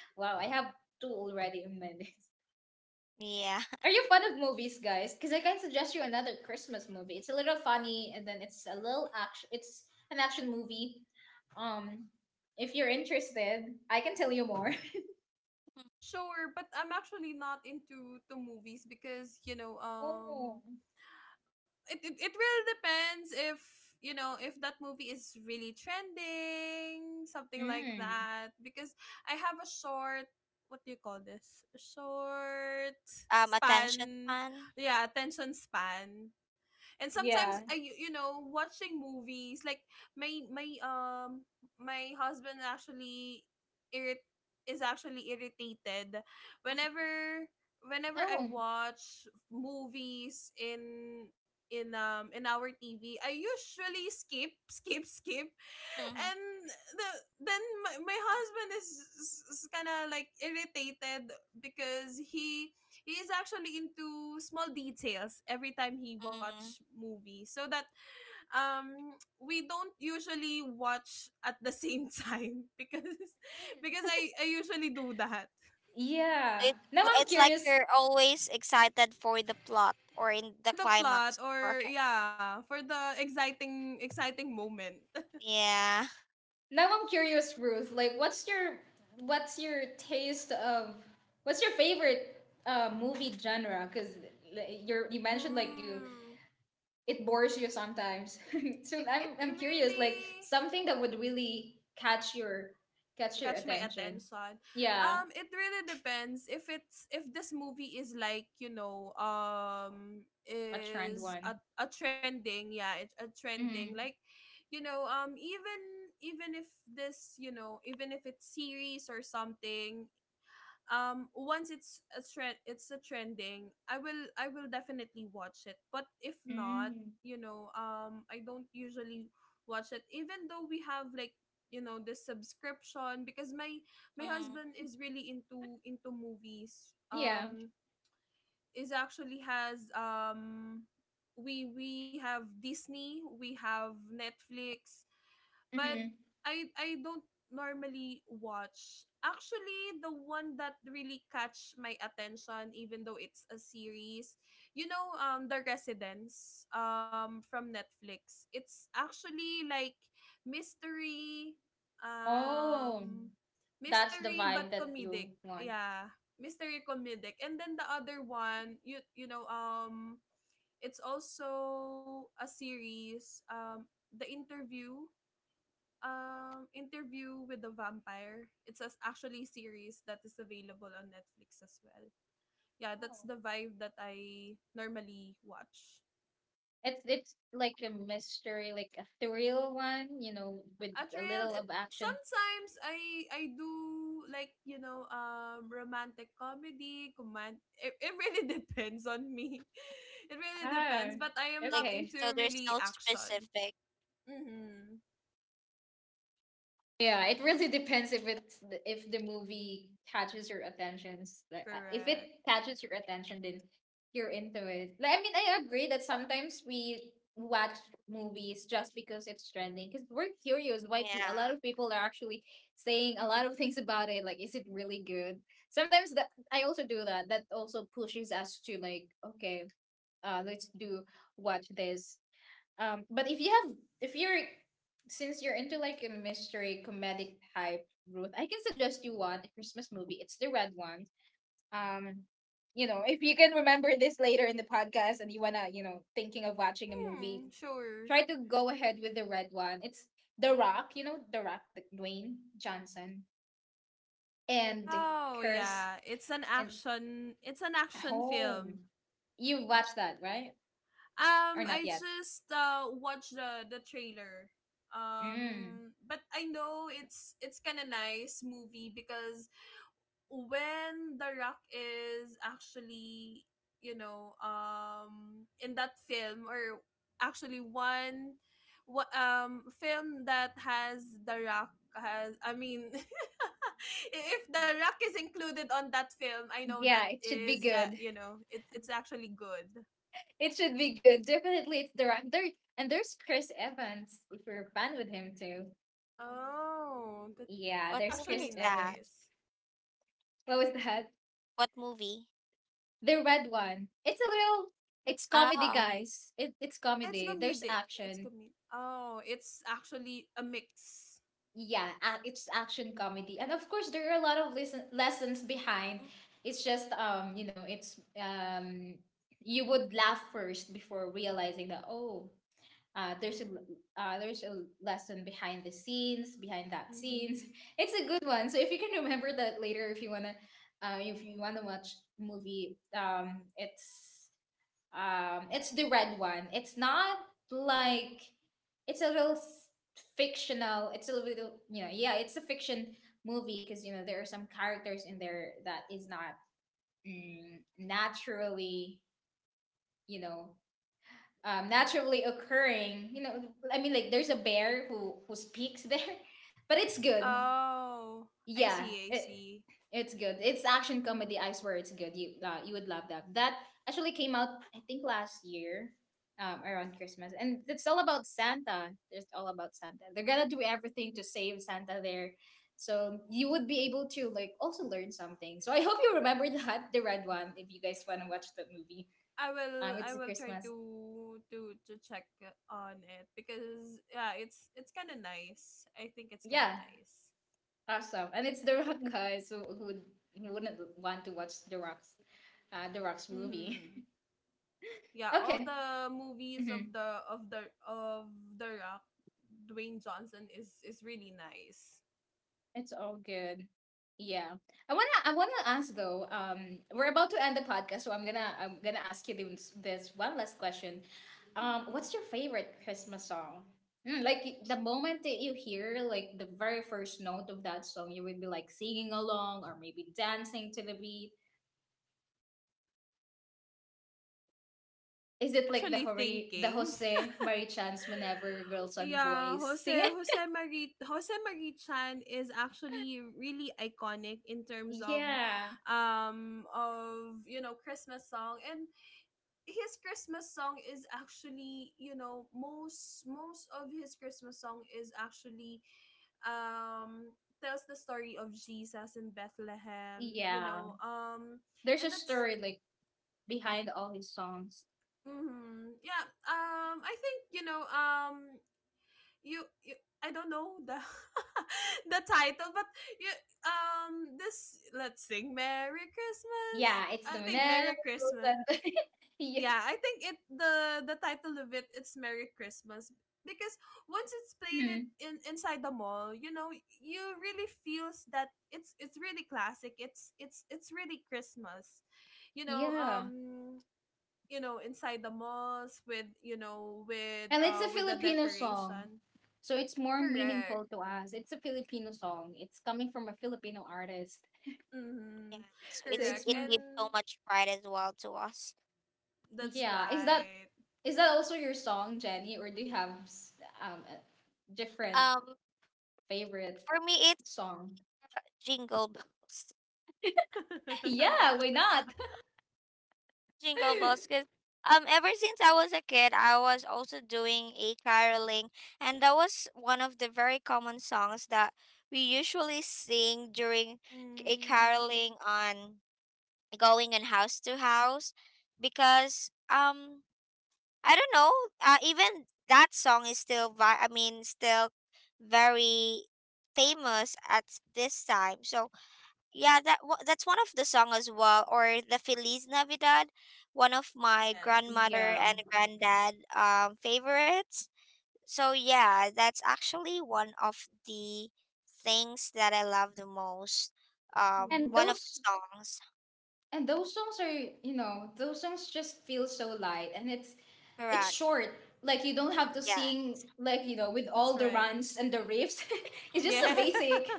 Wow, I have two already in my list.
yeah.
Are you fond of movies, guys? Because I can suggest you another Christmas movie. It's a little funny, and then it's a little action. It's an action movie. Um, if you're interested, I can tell you more.
Sure, but I'm actually not into the movies because, you know,
Oh.
it, it, it really depends if, you know, if that movie is really trending, something like
Mm.
that, because I have a short, what do you call this? A short
Attention
span.
span.
Yeah, attention span. And sometimes I
Yeah.
you you know, watching movies, like my my um my husband actually irrit is actually irritated whenever, whenever I
Oh.
watch movies in, in our TV, I usually skip, skip, skip,
Mhm.
and the then my husband is kind of like irritated because he is actually into small details every time he watch
Mm.
movie. So that um we don't usually watch at the same time. Because I usually do that
Yeah.
It,
Now I'm
it's like
curious.
you're always excited for the plot or in
for
the
the plot,
climax or
or yeah, for the exciting exciting moment.
yeah.
Now I'm curious, Ruth. Like, what's your taste of what's your favorite movie genre? Because you mentioned, like, you
Mm.
it bores you sometimes.
It
So
it
I'm curious, like
really
something that would really catch your
catch my
attention.
attention.
Yeah,
It really depends if it's, if this movie is like, you know,
a trend
is
one.
a trending, yeah, it's a trending,
Mm-hmm.
like, you know, even if this, you know, even if it's series or something, once it's a trend, it's a trending, I will definitely watch it. But if not,
Mm-hmm.
you know, I don't usually watch it, even though we have like, you know, this subscription, because my
Mm.
husband is really into movies,
Yeah.
is actually has we have Disney, we have Netflix, but
Mm-hmm.
I don't normally watch. Actually, the one that really catch my attention, even though it's a series, you know, The Residence, from Netflix. It's actually like mystery,
Oh,
um,
that's the
mystery
vibe
but
that you
comedic.
want.
Yeah, mystery comedic. And then the other one, you know, it's also a series, The Interview Interview with the Vampire. It's as actually a series that is available on Netflix as well. Yeah, that's
Oh.
the vibe that I normally watch.
It's like a mystery, like a thrill one, with a
Atreal,
little
it,
of action.
sometimes I do like, you know, romantic comedy command, it really depends on me. It really depends,
Ah,
but I am not
Like
okay.
into
so there's
really
no
action.
specific.
Mm-hmm.
Yeah, it really depends if the movie catches your attention. Like if it
Correct.
catches your attention, then you're into it. Like, I mean, I agree that sometimes we watch movies just because it's trending, because we're curious why a lot
Yeah.
of people are actually saying a lot of things about it, like, is it really good. Sometimes that I also do that. That also pushes us to like, okay, let's do watch this. But if you have, if you're, since you're into like a mystery comedic type, Ruth, I can suggest you one a Christmas movie. It's the red one. Um, if you can remember this later in the podcast and you wanna, you know, thinking of watching a movie,
Mm, sure.
try to go ahead with the red one. It's The Rock, The Rock, the Dwayne Johnson, and
Oh,
Curse
yeah.
and
It's an action film.
Home. You've watched that, right? Or
Um,
not
I
yet?
just watched the trailer.
Mm.
Um, but I know it's kind of nice movie, because when The Rock is actually, you know, in that film, or actually one, what film that has The Rock has, I mean, if The Rock is included on that film, I know that
Yeah, it should be
is, yeah,
good.
you know, it, it's actually good.
It should be good. Definitely, it's the right. There and there's Chris Evans. If you're a fan with him too,
Oh,
yeah,
What
that's
there's
movie
Chris
actually
is that?
Evans.
nice.
What was that?
What movie?
The red one. It's a little. It's comedy,
Oh.
guys. It's
Ah, it's
comedy. There's
comedic. It's
action.
comedic. Oh, it's actually a mix.
Yeah, it's action comedy, and of course there are a lot of lesson, lessons behind. It's just you know it's you would laugh first before realizing that, oh, Uh, there's a there's a lesson behind the scenes, behind that scenes.
Mm-hmm.
It's a good one. So if you can remember that later, if you wanna watch movie, it's the red one. It's not like it's a little fictional. It's a little, you know, yeah, it's a fiction movie, because you know there are some characters in there that is not mm, naturally you know naturally occurring. I mean, like, there's a bear who speaks there, but it's good.
Oh, I
Yeah,
see, I
it
see.
it's good. It's action comedy. I swear it's good. You would love that. That actually came out, I think, last year, around Christmas, and it's all about Santa. It's all about Santa. They're gonna do everything to save Santa there. So you would be able to like also learn something. So I hope you remember that the red one if you guys wanna watch that movie. Um,
I
it's a
will try
Christmas.
to check on it, because yeah, it's kind of nice. I think it's kind of
Yeah,
nice.
awesome. And it's The Rock, guys. Who wouldn't want to watch The The Rock's movie?
Mhm. Yeah, all
Okay.
the movies
Hmm.
of the Rock, Dwayne Johnson, is really nice.
It's all good. Yeah. I wanna ask though. We're about to end the podcast, so I'm gonna ask you this one last question. What's
Mhm.
your favorite Christmas song? Like, the moment that you hear, like, the very first note of that song, you would be like singing along or maybe dancing to the beat. Is
I'm
it like the
actually
The
thinking.
Jose Marichans whenever girls and
Yeah,
boys sing it?
Jose Marie Chan is actually really iconic in terms of
Yeah.
you know, Christmas song. And his Christmas song is actually, you know, most of his Christmas song is actually um tells the story of Jesus in Bethlehem, you
Yeah.
know. Um,
There's a
and that's
story like behind all his songs.
mm, yeah, I think, you know, you, I don't know the the title, but you this, let's sing Merry Christmas.
Yeah, it's the
I think
whenever
Merry Christmas.
girls and yeah.
Yeah, I think it, the title of it, it's Merry Christmas, because once it's played it
Mhm.
in inside the mall, you know, you really feels that it's really classic. It's really Christmas. You know,
Yeah.
um you know, inside the malls, with, you know, with
And it's
uh,
a
with the
Filipino song.
decoration.
So it's more
Correct.
meaningful to us. It's a Filipino song. It's coming from a Filipino artist.
Mm-hmm.
Yeah, so
So
it's
Correct.
it's
it
more,
gives
And
so much pride as well to us.
that's
yeah. Is that
right.
is that also your song, Jenny, or do you have a different
Um,
favorite
for me, it's
song?
Jingle Bells.
Yeah, why not?
Jingle Bells, because ever since I was a kid, I was also doing a caroling, and that was one of the very common songs that we usually sing during a
Mm,
caroling on going on house to house, because. I don't know. Even that song is still, still very famous at this time. So yeah, that that's one of the song as well, or the Feliz Navidad, one of my
yes.
grandmother
Yeah.
and granddad favorites. So yeah, that's actually one of the things that I love the most.
And
One
Mm-hmm.
of the
those
songs.
and those songs are, those songs just feel so light, and it's
Correct.
short. Like, you don't have to
Yeah.
sing, like, with
That's
all the
right.
runs and the riffs. It's just so
Yeah.
Mm-hmm.
basic.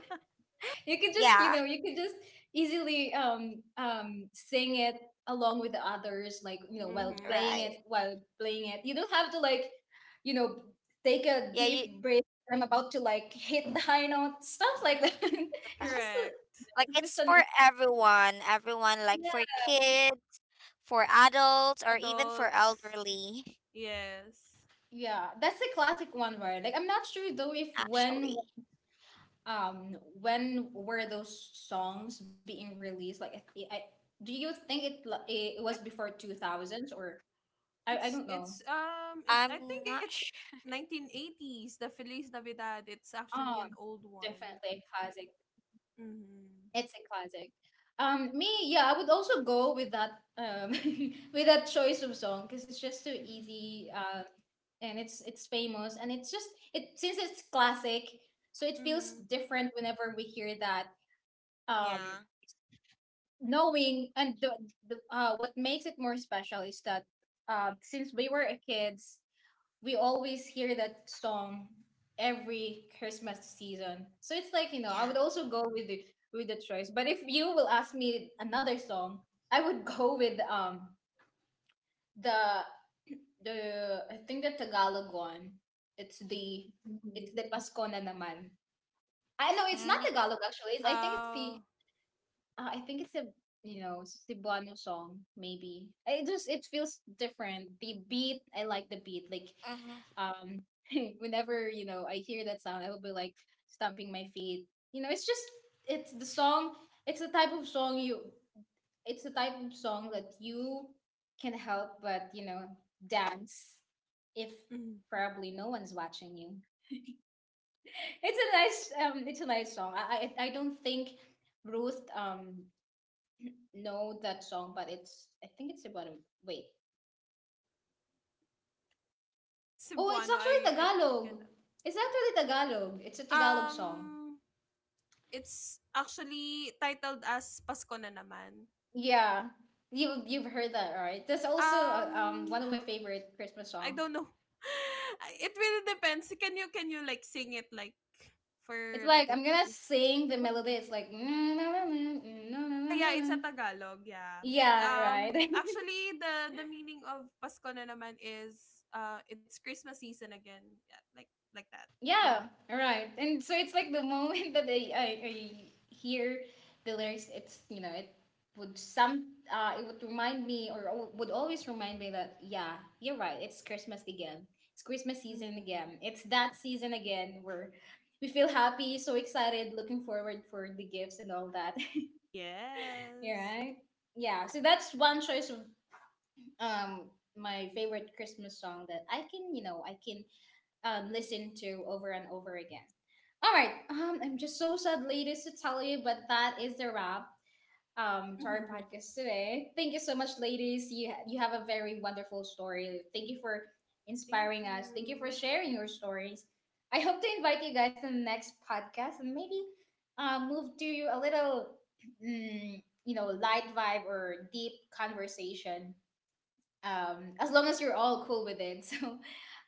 you could just you
Yeah.
know you could just easily sing it along with the others, while playing it
Mm-hmm.
Right.
while playing it you don't have to you know take a
Yeah. You.
deep breath. I'm about to like hit the high note, stuff like that.
Uh,
it's just a,
Correct.
like
it's just
it's
an
for everyone, everyone like for
Yeah,
kids, for adults, or even for
Adults.
elderly,
Yes.
yeah, that's a classic one, right? Like, I'm not sure though if when
actually.
when were those songs being released. Like, I do you think it was
I,
before 2000s, or I don't
it's
know.
it's um, it,
I'm
I think
not
it's
sh
1980s the Feliz Navidad. It's
Oh,
actually an old one.
definitely a classic.
Mm-hmm.
It's a classic. Me, yeah, I would also go with that um with that choice of song, because it's just so
Mm-hmm.
easy. And it's famous, and it's just it since it's classic, so it feels
Mm-hmm.
different whenever we hear that. Um,
Yeah,
knowing and the What makes it more special is that since we were kids, we always hear that song every Christmas season. So it's like, I
yeah.
would also go with the choice. But if you will ask me another song, I would go with the the I think the Tagalog one. It's the it's the Pasko na naman. I know it's not
Mm,
Tagalog actually. It's, I think it's the
Uh,
I think it's a you know it's Cebuano song maybe. I- It just it feels different. The beat I like the beat,
mm-hmm.
um, whenever, I hear that sound, I will be like stomping my feet. You know, it's just it's the song. It's the type of song you. It's the type of song that you can help, but dance if
mm.
probably no one's watching you. It's a nice. It's a nice song. I don't think Ruth know that song, but it's I think it's about a wait.
If it's
Oh, it's
Cebuano,
actually
I
Tagalog.
cannot.
It's actually Tagalog. It's a Tagalog song.
Um, it's actually titled as Pasko na naman.
Yeah, you've heard that, right? That's also
Um,
one of my favorite Christmas
I
songs.
don't know. It really depends. Can you, like sing it like for,
It's
like
like I'm
at
gonna
least.
sing the melody. It's like
Ah, yeah, it's a Tagalog, yeah.
yeah, right.
Actually, the meaning of Pasko na naman is, it's Christmas season again, yeah, like that. Mm-hmm.
Yeah, right. And so it's like the moment that I hear the lyrics, it's you know it would some it would remind me, or would always remind me that, yeah, you're right, it's Christmas again. It's Christmas season
Mm-hmm.
again. It's that season again where we feel happy, so excited, looking forward for the gifts and all that. You're
Yes.
right. Yeah. So that's one choice of um my favorite Christmas song that I can listen to over and over again. All right, I'm just so sad, ladies, to tell you, but that is the wrap to our
Mm-hmm.
podcast today. Thank you so much, ladies. You have a very wonderful story. Thank you for
Thank
inspiring us. Thank you
you.
for sharing your stories. I hope to invite you guys to the next podcast, and maybe move to a little, light vibe or deep conversation, as long as you're all cool with it.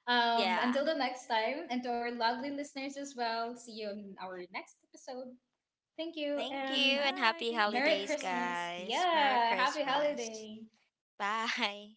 So
Mhm.
Yeah.
until the next time, and to our lovely listeners as well, see you in our next episode. Thank you,
Thank
and
you, and
Bye.
happy
Thank
Merry
holidays,
you.
Christmas.
guys. Merry
Yeah, happy
Christmas.
holiday.
Bye.